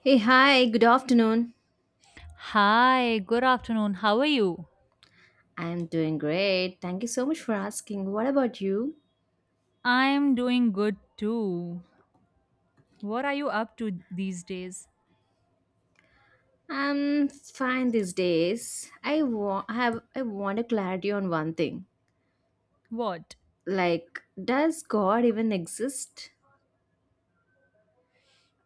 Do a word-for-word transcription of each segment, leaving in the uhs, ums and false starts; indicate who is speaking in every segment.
Speaker 1: Hey, hi, good afternoon.
Speaker 2: Hi, good afternoon. How are you?
Speaker 1: I'm doing great. Thank you so much for asking. What about you?
Speaker 2: I'm doing good too. What are you up to these days?
Speaker 1: I'm fine these days. I want I have I want a clarity on one thing.
Speaker 2: What?
Speaker 1: Like, does God even exist?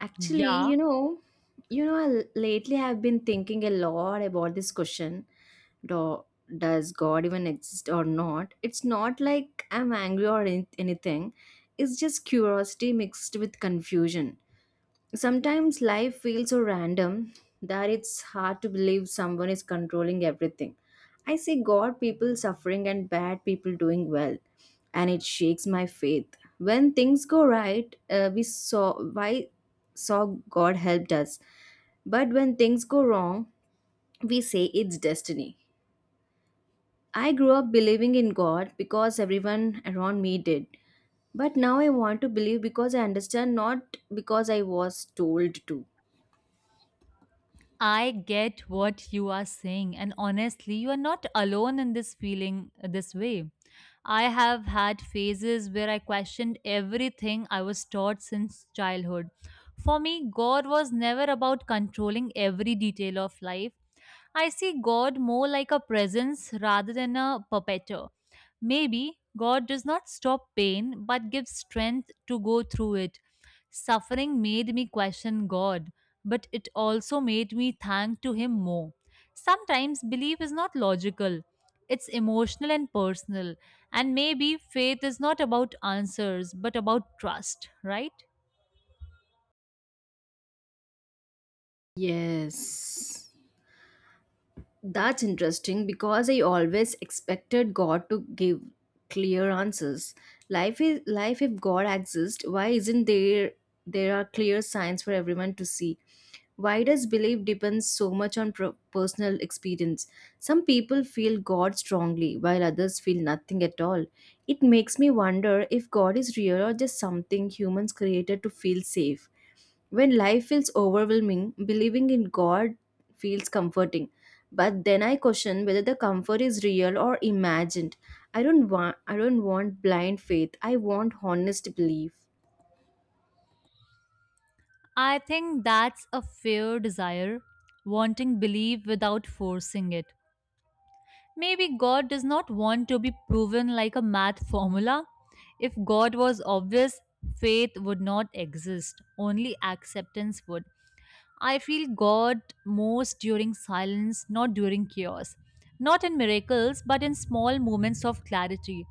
Speaker 1: Actually,
Speaker 2: Yeah,
Speaker 1: you know, you know, I- lately I've been thinking a lot about this question. Do, does God even exist or not? It's not like I'm angry or any- anything. It's just curiosity mixed with confusion. Sometimes life feels so random that it's hard to believe someone is controlling everything. I see God people suffering and bad people doing well, and it shakes my faith. When things go right, uh, we saw why saw God helped us, but when things go wrong, we say it's destiny. I grew up believing in God because everyone around me did. But now I want to believe because I understand, not because I was told to.
Speaker 2: I get what you are saying, and honestly, you are not alone in this feeling uh, this way. I have had phases where I questioned everything I was taught since childhood. For me, God was never about controlling every detail of life. I see God more like a presence rather than a perpetrator. Maybe God does not stop pain but gives strength to go through it. Suffering made me question God, but it also made me thank to him more. Sometimes belief is not logical. It's emotional and personal, and maybe faith is not about answers but about trust, right?
Speaker 1: Yes. That's interesting because I always expected God to give clear answers. Life is life if God exists, why isn't there there are clear signs for everyone to see? Why does belief depends so much on pro- personal experience? Some people feel God strongly while others feel nothing at all. It makes me wonder if God is real or just something humans created to feel safe. When life feels overwhelming, believing in God feels comforting. But then I question whether the comfort is real or imagined. I don't want I don't want blind faith. I want honest belief.
Speaker 2: I think that's a fair desire, wanting belief without forcing it. Maybe God does not want to be proven like a math formula. If God was obvious, faith would not exist, only acceptance would. I feel God most during silence, not during chaos. Not in miracles, but in small moments of clarity.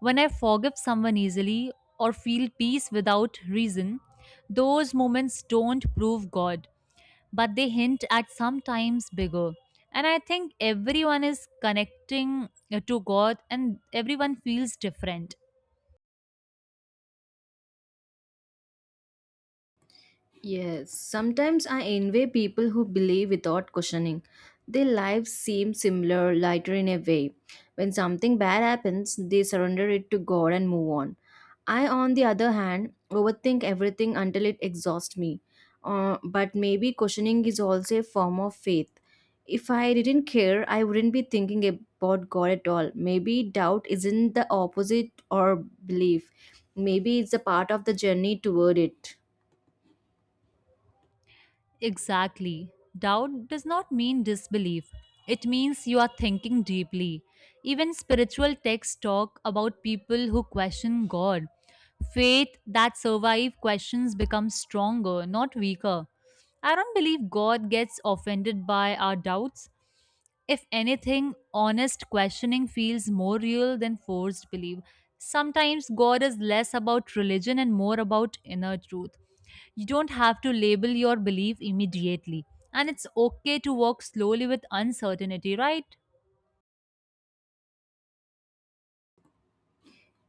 Speaker 2: When I forgive someone easily or feel peace without reason, those moments don't prove God but they hint at sometimes bigger. And I think everyone is connecting uh, to God and everyone feels different.
Speaker 1: Yes, sometimes I envy people who believe without questioning. Their lives seem similar, lighter in a way. When something bad happens, they surrender it to God and move on. I, on the other hand, overthink everything until it exhausts me. Uh, but maybe questioning is also a form of faith. If I didn't care, I wouldn't be thinking about God at all. Maybe doubt isn't the opposite or belief. Maybe it's a part of the journey toward it.
Speaker 2: Exactly. Doubt does not mean disbelief. It means you are thinking deeply. Even spiritual texts talk about people who question God. Faith that survive questions becomes stronger, not weaker. I don't believe God gets offended by our doubts. If anything, honest questioning feels more real than forced belief. Sometimes God is less about religion and more about inner truth. You don't have to label your belief immediately. And it's okay to walk slowly with uncertainty, right?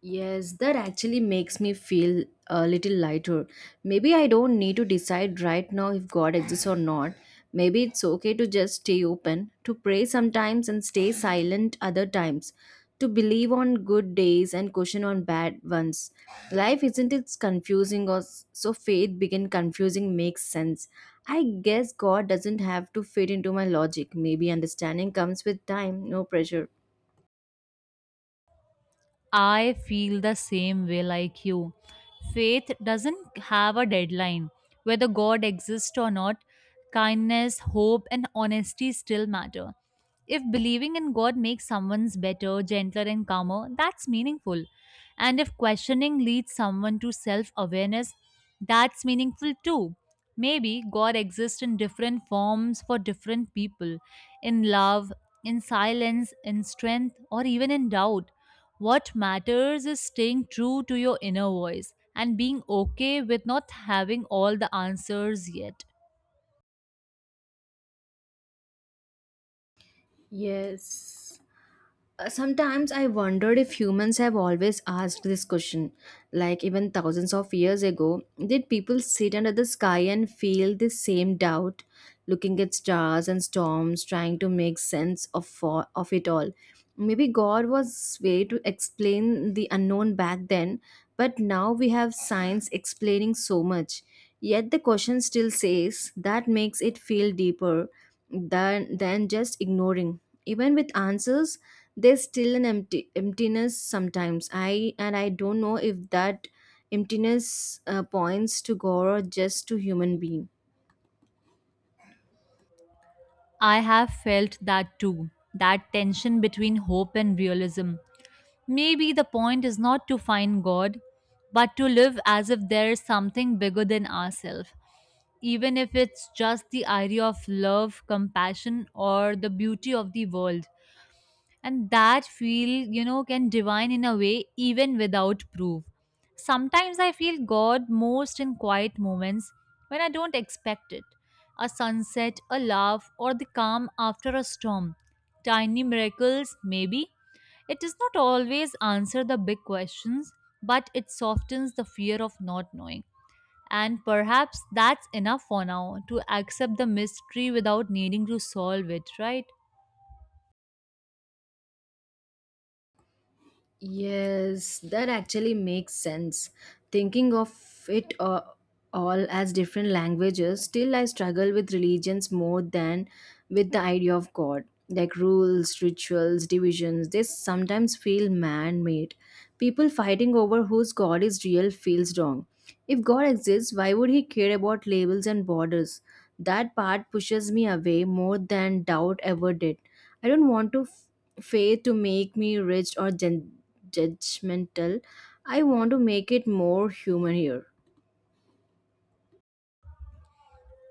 Speaker 1: Yes, that actually makes me feel a little lighter. Maybe I don't need to decide right now if God exists or not. Maybe it's okay to just stay open, to pray sometimes and stay silent other times, to believe on good days and caution on bad ones. Life isn't it confusing or s- so faith begin confusing makes sense. I guess God doesn't have to fit into my logic. Maybe understanding comes with time, no pressure.
Speaker 2: I feel the same way like you. Faith doesn't have a deadline. Whether God exists or not, kindness, hope, and honesty still matter. If believing in God makes someone's better, gentler, and calmer, that's meaningful. And if questioning leads someone to self awareness, that's meaningful too. Maybe God exists in different forms for different people in love, in silence, in strength, or even in doubt what matters is staying true to your inner voice and being okay with not having all the answers yet.
Speaker 1: Yes. Uh, Sometimes I wondered if humans have always asked this question. Like, even thousands of years ago, did people sit under the sky and feel the same doubt, looking at stars and storms, trying to make sense of, fo- of it all? Maybe God was way to explain the unknown back then, but now we have science explaining so much. Yet the question still says that makes it feel deeper than than just ignoring, even with answers there's still an empty emptiness sometimes, I and I don't know if that emptiness uh, points to God or just to human being.
Speaker 2: I have felt that too, that tension between hope and realism. Maybe the point is not to find God, but to live as if there is something bigger than ourselves, even if it's just the idea of love, compassion, or the beauty of the world. And that feel, you know, can divine in a way even without proof. Sometimes I feel God most in quiet moments when I don't expect it. A sunset, a laugh, or the calm after a storm. Tiny miracles maybe. It does not always answer the big questions, but it softens the fear of not knowing. And perhaps that's enough for now, to accept the mystery without needing to solve it, right?
Speaker 1: Yes, that actually makes sense, thinking of it uh, all as different languages. Still I struggle with religions more than with the idea of God, like rules, rituals, divisions. They sometimes feel man made. People fighting over whose God is real feels wrong. If God exists, why would He care about labels and borders? That part pushes me away more than doubt ever did. I don't want to f- faith to make me rich or gen- judgmental. I want to make it more human here.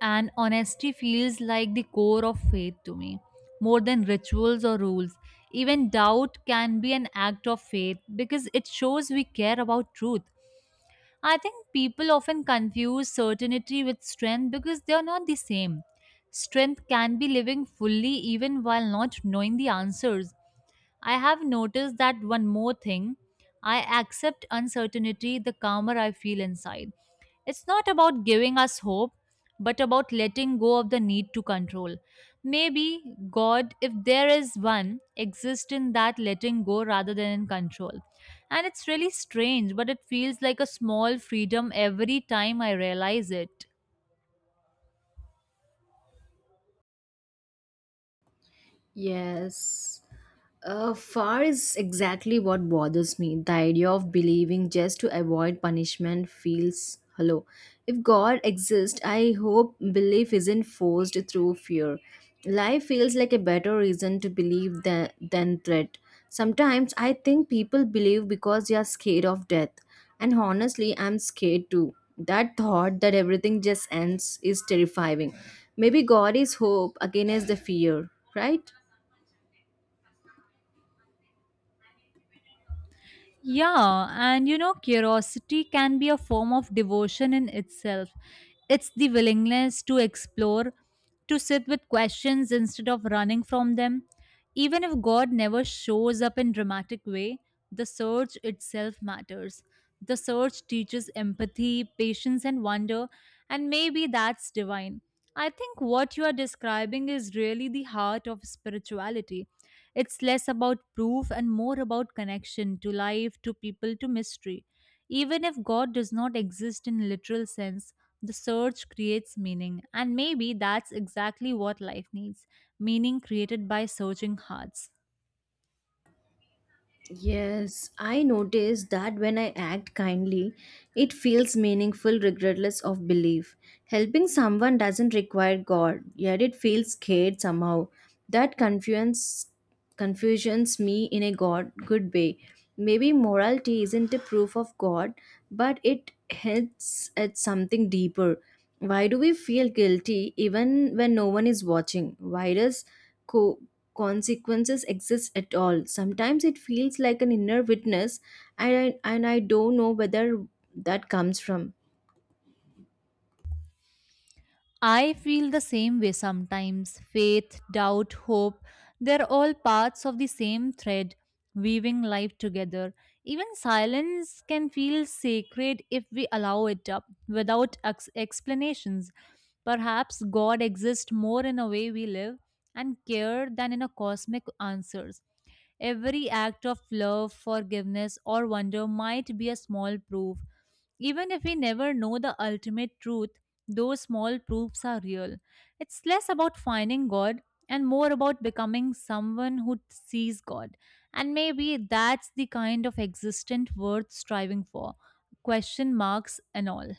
Speaker 2: And honesty feels like the core of faith to me, more than rituals or rules. Even doubt can be an act of faith because it shows we care about truth. I think people often confuse certainty with strength because they are not the same. Strength can be living fully even while not knowing the answers. I have noticed that one more thing: I accept uncertainty the calmer I feel inside. It's not about giving us hope, but about letting go of the need to control. Maybe God, if there is one, exists in that letting go rather than in control. And it's really strange, but it feels like a small freedom every time I realize it.
Speaker 1: Yes. Uh, far is exactly what bothers me. The idea of believing just to avoid punishment feels hollow. If God exists, I hope belief isn't forced through fear. Life feels like a better reason to believe than, than threat. Sometimes I think people believe because they are scared of death. And honestly, I'm scared too. That thought that everything just ends is terrifying. Maybe God is hope against the fear, right?
Speaker 2: Yeah, and you know, curiosity can be a form of devotion in itself. It's the willingness to explore, to sit with questions instead of running from them. Even if God never shows up in dramatic way, the search itself matters. The search teaches empathy, patience and wonder, and maybe that's divine. I think what you are describing is really the heart of spirituality. It's less about proof and more about connection to life, to people, to mystery. Even if God does not exist in literal sense, the search creates meaning, and maybe that's exactly what life needs: meaning created by searching hearts.
Speaker 1: Yes, I notice that when I act kindly, it feels meaningful regardless of belief. Helping someone doesn't require God, yet it feels scared somehow. That confusions confusions me in a God good way. Maybe morality isn't a proof of God, but it hints at something deeper. Why do we feel guilty even when no one is watching? Why does co- consequences exist at all? Sometimes it feels like an inner witness, and I, and I don't know whether that comes from.
Speaker 2: I feel the same way sometimes. Faith, doubt, hope, they're all parts of the same thread, weaving life together. Even silence can feel sacred if we allow it up, without ex- explanations. Perhaps God exists more in a way we live and care than in a cosmic answers. Every act of love, forgiveness, or wonder might be a small proof. Even if we never know the ultimate truth, those small proofs are real. It's less about finding God and more about becoming someone who sees God. And maybe that's the kind of existent worth striving for. Question marks and all.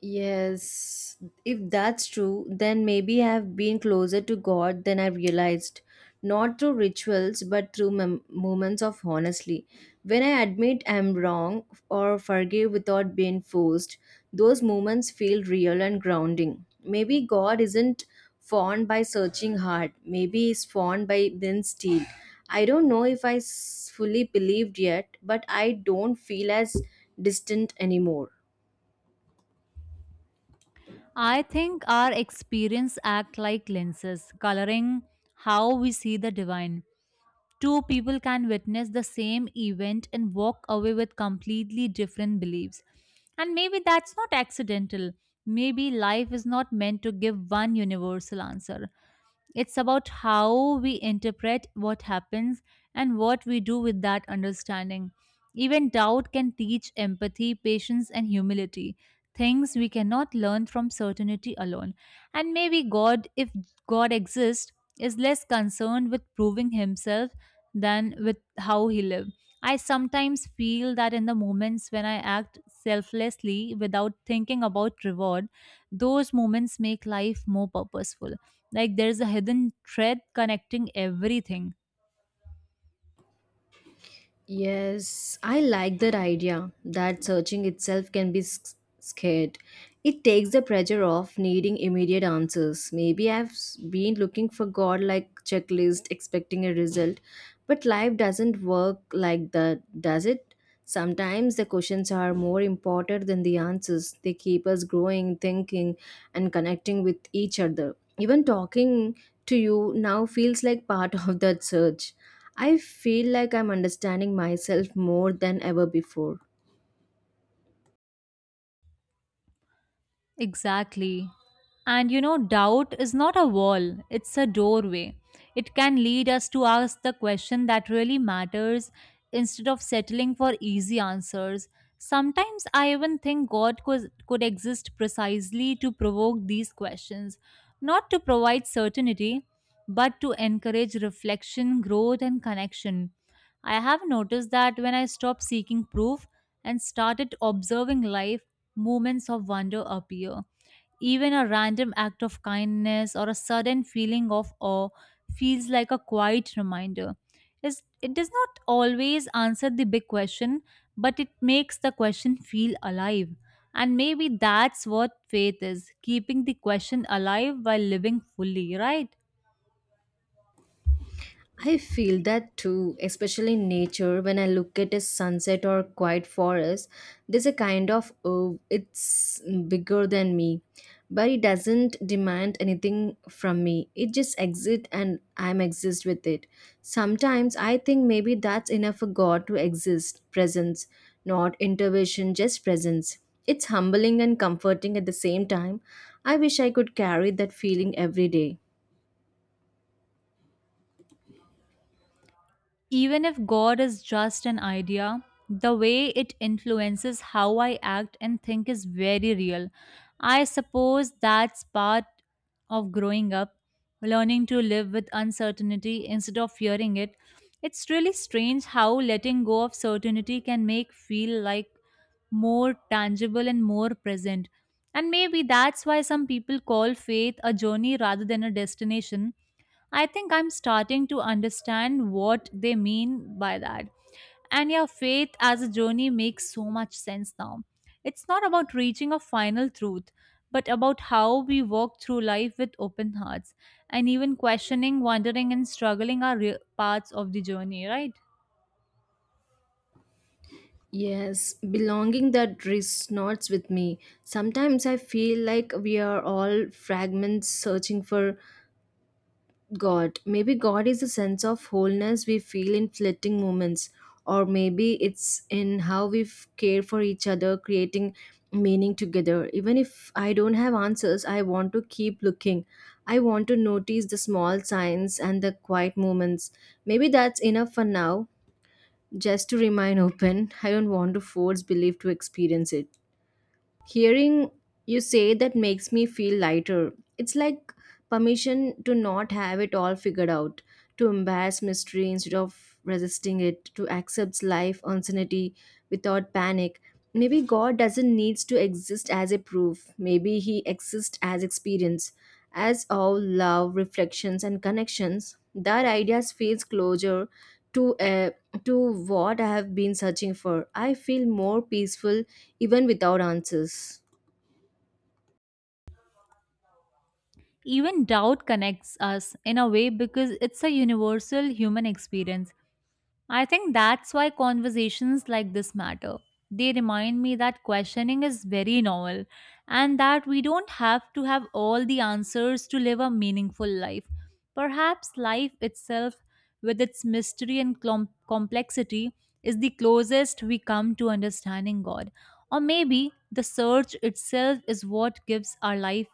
Speaker 1: Yes, if that's true, then maybe I've been closer to God than I realized. Not through rituals, but through mem- moments of honestly. When I admit I'm wrong or forgive without being forced, those moments feel real and grounding. Maybe God isn't fond by searching hard. Maybe he's fond by then still. I don't know if I s- fully believed yet, but I don't feel as distant anymore.
Speaker 2: I think our experience act like lenses, coloring how we see the divine. Two people can witness the same event and walk away with completely different beliefs. And maybe that's not accidental. Maybe life is not meant to give one universal answer. It's about how we interpret what happens and what we do with that understanding. Even doubt can teach empathy, patience, and humility, things we cannot learn from certainty alone. And maybe God, if God exists, is less concerned with proving himself than with how he lived. I sometimes feel that in the moments when I act selflessly without thinking about reward, those moments make life more purposeful. Like there's a hidden thread connecting everything.
Speaker 1: Yes, I like that idea that searching itself can be s- scared. It takes the pressure off needing immediate answers. Maybe I've s- been looking for God like checklist, expecting a result, but life doesn't work like that, does it? Sometimes the questions are more important than the answers. They keep us growing, thinking, and connecting with each other. Even talking to you now feels like part of that search. I feel like I'm understanding myself more than ever before.
Speaker 2: Exactly. And you know, doubt is not a wall, it's a doorway. It can lead us to ask the question that really matters instead of settling for easy answers. Sometimes I even think God could, could exist precisely to provoke these questions, not to provide certainty, but to encourage reflection, growth, and connection. I have noticed that when I stopped seeking proof and started observing life, moments of wonder appear. Even a random act of kindness or a sudden feeling of awe feels like a quiet reminder. It's- It does not always answer the big question, but it makes the question feel alive. And maybe that's what faith is, keeping the question alive while living fully, right?
Speaker 1: I feel that too, especially in nature. When I look at a sunset or quiet forest, there's a kind of oh, it's bigger than me, but it doesn't demand anything from me. It just exists, and I'm exist with it. Sometimes I think maybe that's enough for God to exist, presence, not intervention, just presence. It's humbling and comforting at the same time. I wish I could carry that feeling every day.
Speaker 2: Even if God is just an idea, the way it influences how I act and think is very real. I suppose that's part of growing up, learning to live with uncertainty instead of fearing it. It's really strange how letting go of certainty can make feel like more tangible and more present. And maybe that's why some people call faith a journey rather than a destination. I think I'm starting to understand what they mean by that. And yeah, faith as a journey makes so much sense now. It's not about reaching a final truth, but about how we walk through life with open hearts. And even questioning, wondering, and struggling are real parts of the journey, right?
Speaker 1: Yes, belonging that resonates with me. Sometimes I feel like we are all fragments searching for God. Maybe God is a sense of wholeness we feel in flitting moments, or maybe it's in how we f- care for each other, creating meaning together. Even if I don't have answers, I want to keep looking. I want to notice the small signs and the quiet moments. Maybe that's enough for now, just to remain open. I don't want to force belief to experience it. Hearing you say that makes me feel lighter. It's like permission to not have it all figured out, to embrace mystery instead of resisting it, to accept life uncertainty without panic. Maybe God doesn't need to exist as a proof. Maybe He exists as experience, as all love, reflections, and connections. That idea feels closer to uh, to what I have been searching for. I feel more peaceful even without answers.
Speaker 2: Even doubt connects us in a way because it's a universal human experience. I think that's why conversations like this matter. They remind me that questioning is very normal and that we don't have to have all the answers to live a meaningful life. Perhaps life itself, with its mystery and clom- complexity, is the closest we come to understanding God. Or maybe the search itself is what gives our life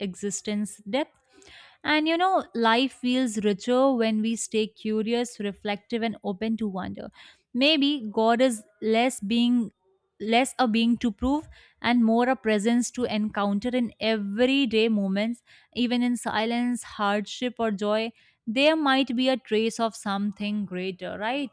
Speaker 2: existence depth. And you know, life feels richer when we stay curious, reflective, and open to wonder. Maybe God is less being less a being to prove and more a presence to encounter in everyday moments, even in silence, hardship, or joy. There might be a trace of something greater, right?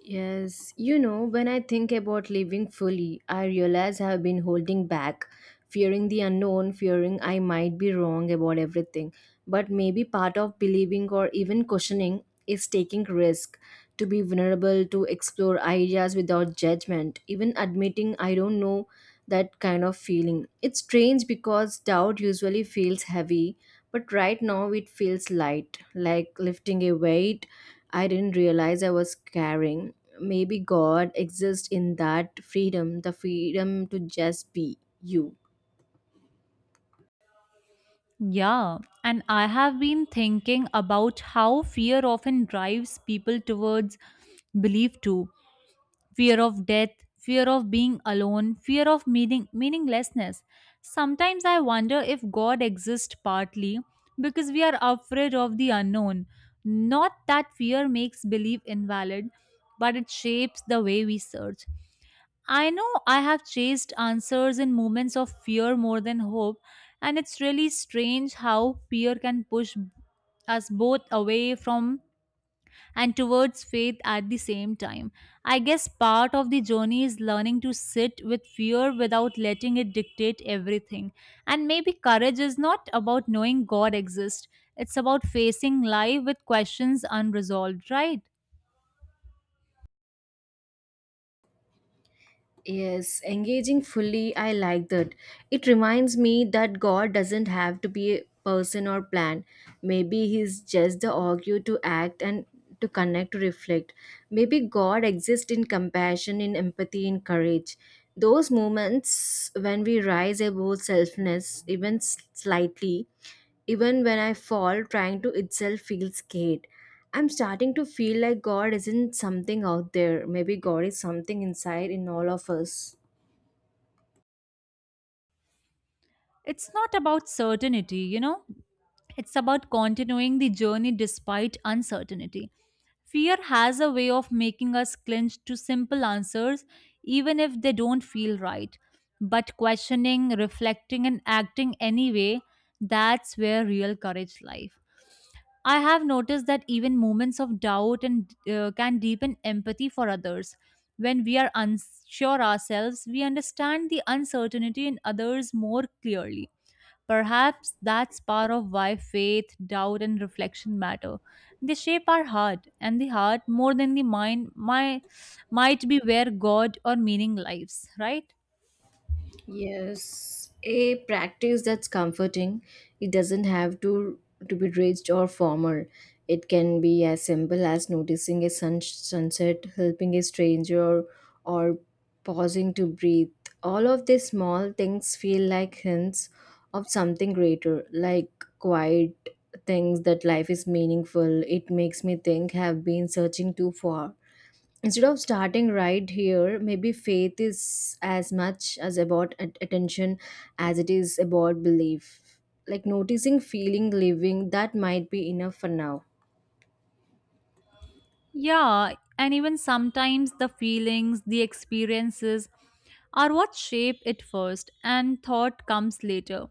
Speaker 1: Yes, you know, when I think about living fully, I realize I have been holding back, fearing the unknown, fearing I might be wrong about everything. But maybe part of believing or even questioning is taking risk, to be vulnerable, to explore ideas without judgment, even admitting I don't know that kind of feeling. It's strange because doubt usually feels heavy, but right now it feels light, like lifting a weight I didn't realize I was carrying. Maybe God exists in that freedom, the freedom to just be you.
Speaker 2: Yeah, and I have been thinking about how fear often drives people towards belief too: fear of death, fear of being alone, fear of meaning, meaninglessness. Sometimes I wonder if God exists partly because we are afraid of the unknown. Not that fear makes belief invalid, but it shapes the way we search. I know I have chased answers in moments of fear more than hope, and it's really strange how fear can push us both away from and towards faith at the same time. I guess part of the journey is learning to sit with fear without letting it dictate everything. And maybe courage is not about knowing God exists, it's about facing life with questions unresolved, right?
Speaker 1: Yes, engaging fully, I like that. It reminds me that God doesn't have to be a person or plan. Maybe He's just the augur to act and to connect, to reflect. Maybe God exists in compassion, in empathy, in courage. Those moments when we rise above selfness, even s- slightly, even when I fall, trying to itself feel scared. I'm starting to feel like God isn't something out there. Maybe God is something inside in all of us.
Speaker 2: It's not about certainty, you know? It's about continuing the journey despite uncertainty. Fear has a way of making us clinch to simple answers, even if they don't feel right. But questioning, reflecting, and acting anyway, that's where real courage lies. I have noticed that even moments of doubt and uh, can deepen empathy for others. When we are unsure ourselves, we understand the uncertainty in others more clearly. Perhaps that's part of why faith, doubt, and reflection matter. They shape our heart, and the heart, more than the mind, might, might be where God or meaning lives, right?
Speaker 1: Yes, a practice that's comforting. It doesn't have to to be rigid or formal. It can be as simple as noticing a sun, sunset, helping a stranger, or pausing to breathe. All of these small things feel like hints of something greater, like quiet things that life is meaningful. It makes me think have been searching too far instead of starting right here. Maybe faith is as much as about at- attention as it is about belief, like noticing, feeling, living. That might be enough for now.
Speaker 2: Yeah, and even sometimes the feelings, the experiences are what shape it first, and thought comes later.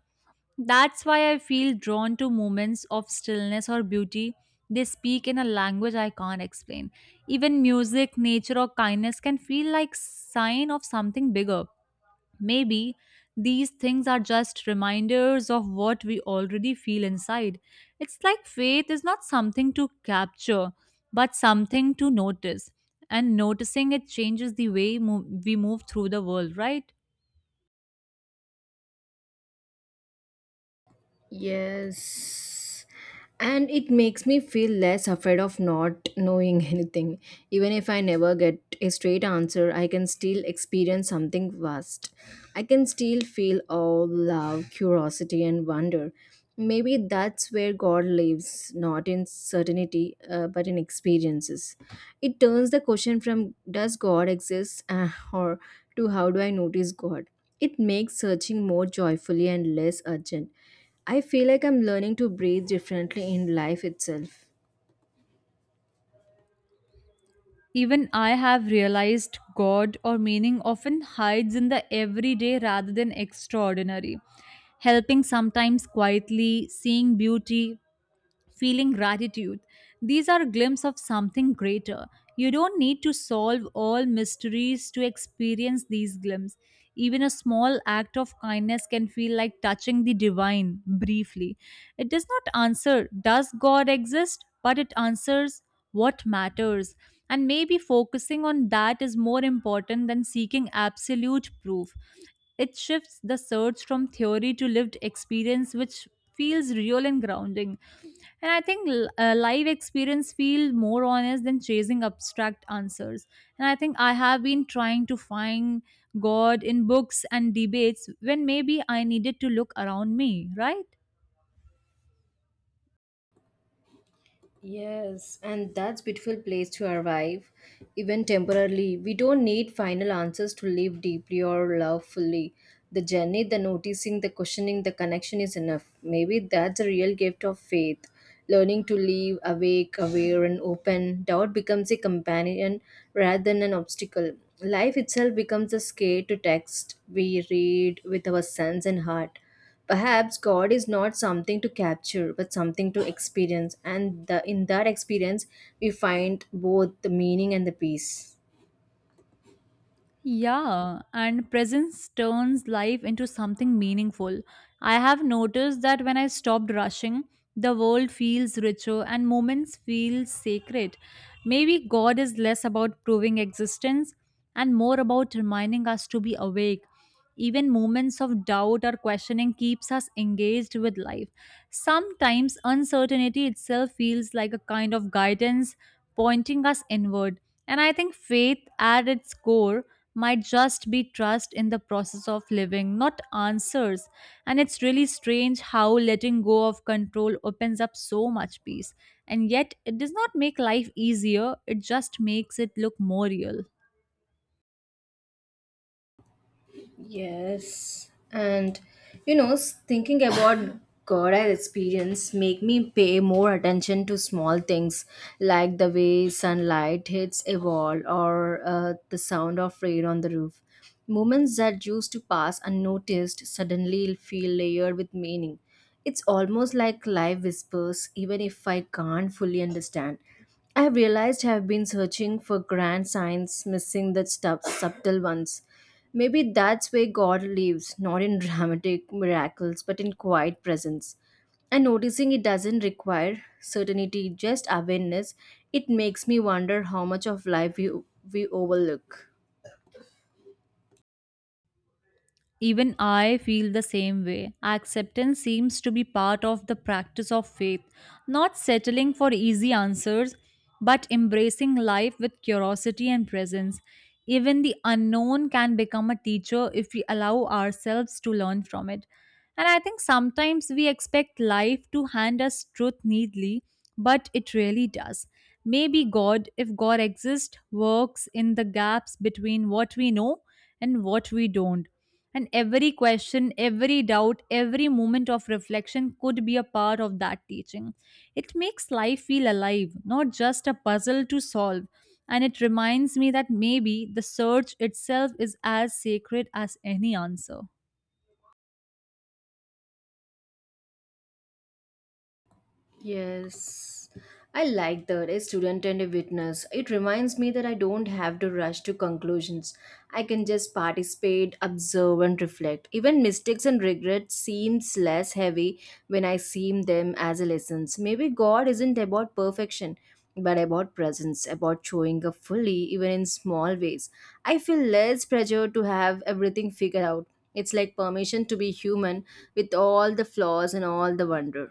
Speaker 2: That's why I feel drawn to moments of stillness or beauty. They speak in a language I can't explain. Even music, nature, or kindness can feel like sign of something bigger. Maybe these things are just reminders of what we already feel inside. It's like faith is not something to capture, but something to notice. And noticing it changes the way mo- we move through the world, right?
Speaker 1: Yes. And it makes me feel less afraid of not knowing anything. Even if I never get a straight answer, I can still experience something vast. I can still feel all love, curiosity, and wonder. Maybe that's where God lives, not in certainty, uh, but in experiences. It turns the question from does God exist uh, or to how do I notice God? It makes searching more joyfully and less urgent. I feel like I'm learning to breathe differently in life itself.
Speaker 2: Even I have realized God or meaning often hides in the everyday rather than extraordinary. Helping sometimes quietly, seeing beauty feeling gratitude. These are glimpses of something greater. You don't need to solve all mysteries to experience these glimpses. Even a small act of kindness can feel like touching the divine briefly. It does not answer, does God exist? But it answers what matters. And maybe focusing on that is more important than seeking absolute proof. It shifts the search from theory to lived experience, which feels real and grounding. And I think l- uh, live experience feel more honest than chasing abstract answers. And I think I have been trying to find God in books and debates when maybe I needed to look around me, right?
Speaker 1: Yes, and that's beautiful place to arrive, even temporarily. We don't need final answers to live deeply or love fully. The journey, the noticing, the questioning, the connection is enough. Maybe that's a real gift of faith. Learning to live awake, aware, and open. Doubt becomes a companion rather than an obstacle. Life itself becomes a scare to text we read with our sense and heart. Perhaps God is not something to capture, but something to experience, and the, in that experience, we find both the meaning and the peace.
Speaker 2: Yeah, and presence turns life into something meaningful. I have noticed that when I stopped rushing, the world feels richer and moments feel sacred. Maybe God is less about proving existence and more about reminding us to be awake. Even moments of doubt or questioning keeps us engaged with life. Sometimes uncertainty itself feels like a kind of guidance pointing us inward. And I think faith at its core might just be trust in the process of living, not answers. And it's really strange how letting go of control opens up so much peace. And yet, it does not make life easier, it just makes it look more real.
Speaker 1: Yes, and you know, s- thinking about God as experience make me pay more attention to small things like the way sunlight hits a wall or uh, the sound of rain on the roof. Moments that used to pass unnoticed suddenly feel layered with meaning. It's almost like life whispers, even if I can't fully understand. I've realized I've been searching for grand signs, missing the stuff, subtle ones. Maybe that's where God lives, not in dramatic miracles, but in quiet presence. And noticing it doesn't require certainty, just awareness. It makes me wonder how much of life we, we overlook.
Speaker 2: Even I feel the same way. Acceptance seems to be part of the practice of faith, not settling for easy answers, but embracing life with curiosity and presence. Even the unknown can become a teacher if we allow ourselves to learn from it. And I think sometimes we expect life to hand us truth neatly, but it really does. Maybe God, if God exists, works in the gaps between what we know and what we don't, and every question, every doubt, every moment of reflection could be a part of that teaching. It makes life feel alive, not just a puzzle to solve. And it reminds me that maybe the search itself is as sacred as any answer.
Speaker 1: Yes, I like that. A student and a witness. It reminds me that I don't have to rush to conclusions. I can just participate, observe, and reflect. Even mistakes and regrets seems less heavy when I see them as a lessons. Maybe God isn't about perfection, but about presence, about showing up fully, even in small ways. I feel less pressure to have everything figured out. It's like permission to be human with all the flaws and all the wonder.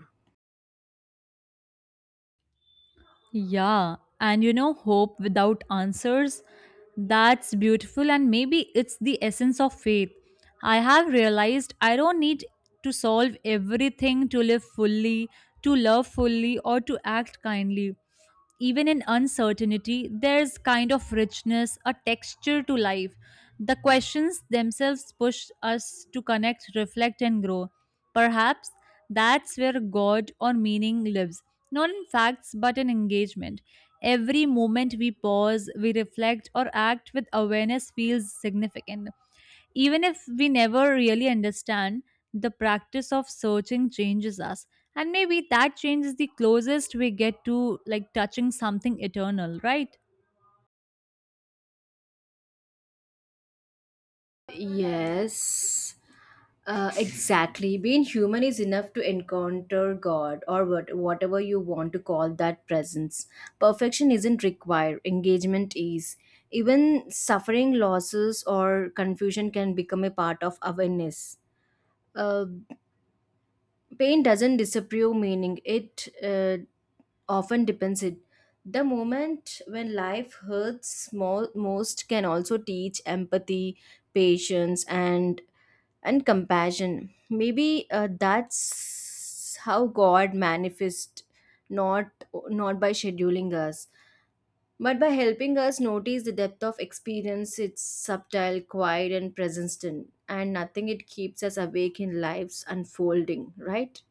Speaker 2: Yeah, and you know, hope without answers, that's beautiful, and maybe it's the essence of faith. I have realized I don't need to solve everything to live fully, to love fully, or to act kindly. Even in uncertainty, there's kind of richness, a texture to life. The questions themselves push us to connect, reflect, and grow. Perhaps that's where God or meaning lives, not in facts but in engagement. Every moment we pause, we reflect, or act with awareness feels significant. Even if we never really understand, the practice of searching changes us. And maybe that change is the closest we get to like touching something eternal, right?
Speaker 1: Yes, uh, exactly. Being human is enough to encounter God or what, whatever you want to call that presence. Perfection isn't required, engagement is. Even suffering, losses, or confusion can become a part of awareness. Uh, pain doesn't disappear meaning, it uh, often depends it. The moment when life hurts mo- most can also teach empathy, patience, and and compassion. Maybe uh, that's how God manifests, not not by scheduling us, but by helping us notice the depth of experience. It's subtle, quiet, and present, in, and nothing it keeps us awake in life's unfolding. Right?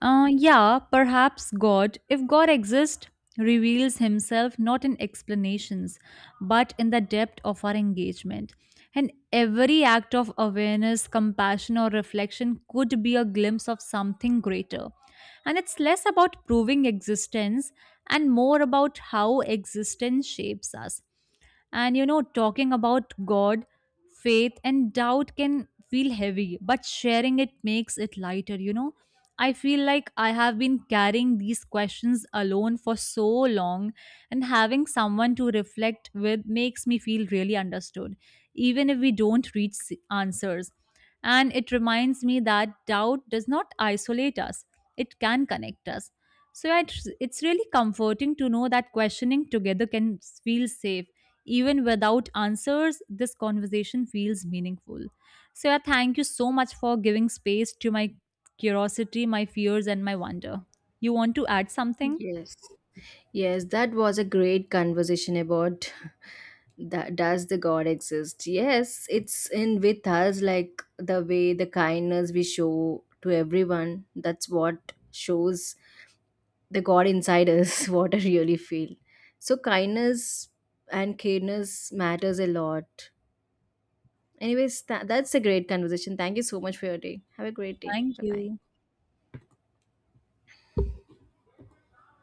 Speaker 2: Uh, yeah, perhaps God, if God exists, reveals himself not in explanations, but in the depth of our engagement. And every act of awareness, compassion, or reflection could be a glimpse of something greater. And it's less about proving existence and more about how existence shapes us. And you know, talking about God, faith, and doubt can feel heavy, but sharing it makes it lighter, you know. I feel like I have been carrying these questions alone for so long, and having someone to reflect with makes me feel really understood, even if we don't reach s- answers. And it reminds me that doubt does not isolate us, it can connect us. So it- it's really comforting to know that questioning together can feel safe. Even without answers, this conversation feels meaningful. So, yeah, thank you so much for giving space to my curiosity, my fears, and my wonder. You want to add something?
Speaker 1: Yes. Yes, that was a great conversation about that does the God exist. Yes, it's in with us, like the way the kindness we show to everyone, that's what shows the God inside us what I really feel. So kindness and careness matters a lot. Anyways, tha- that's a great conversation. Thank you so much for your day. Have a great day.
Speaker 2: Thank
Speaker 1: Bye bye.
Speaker 2: you.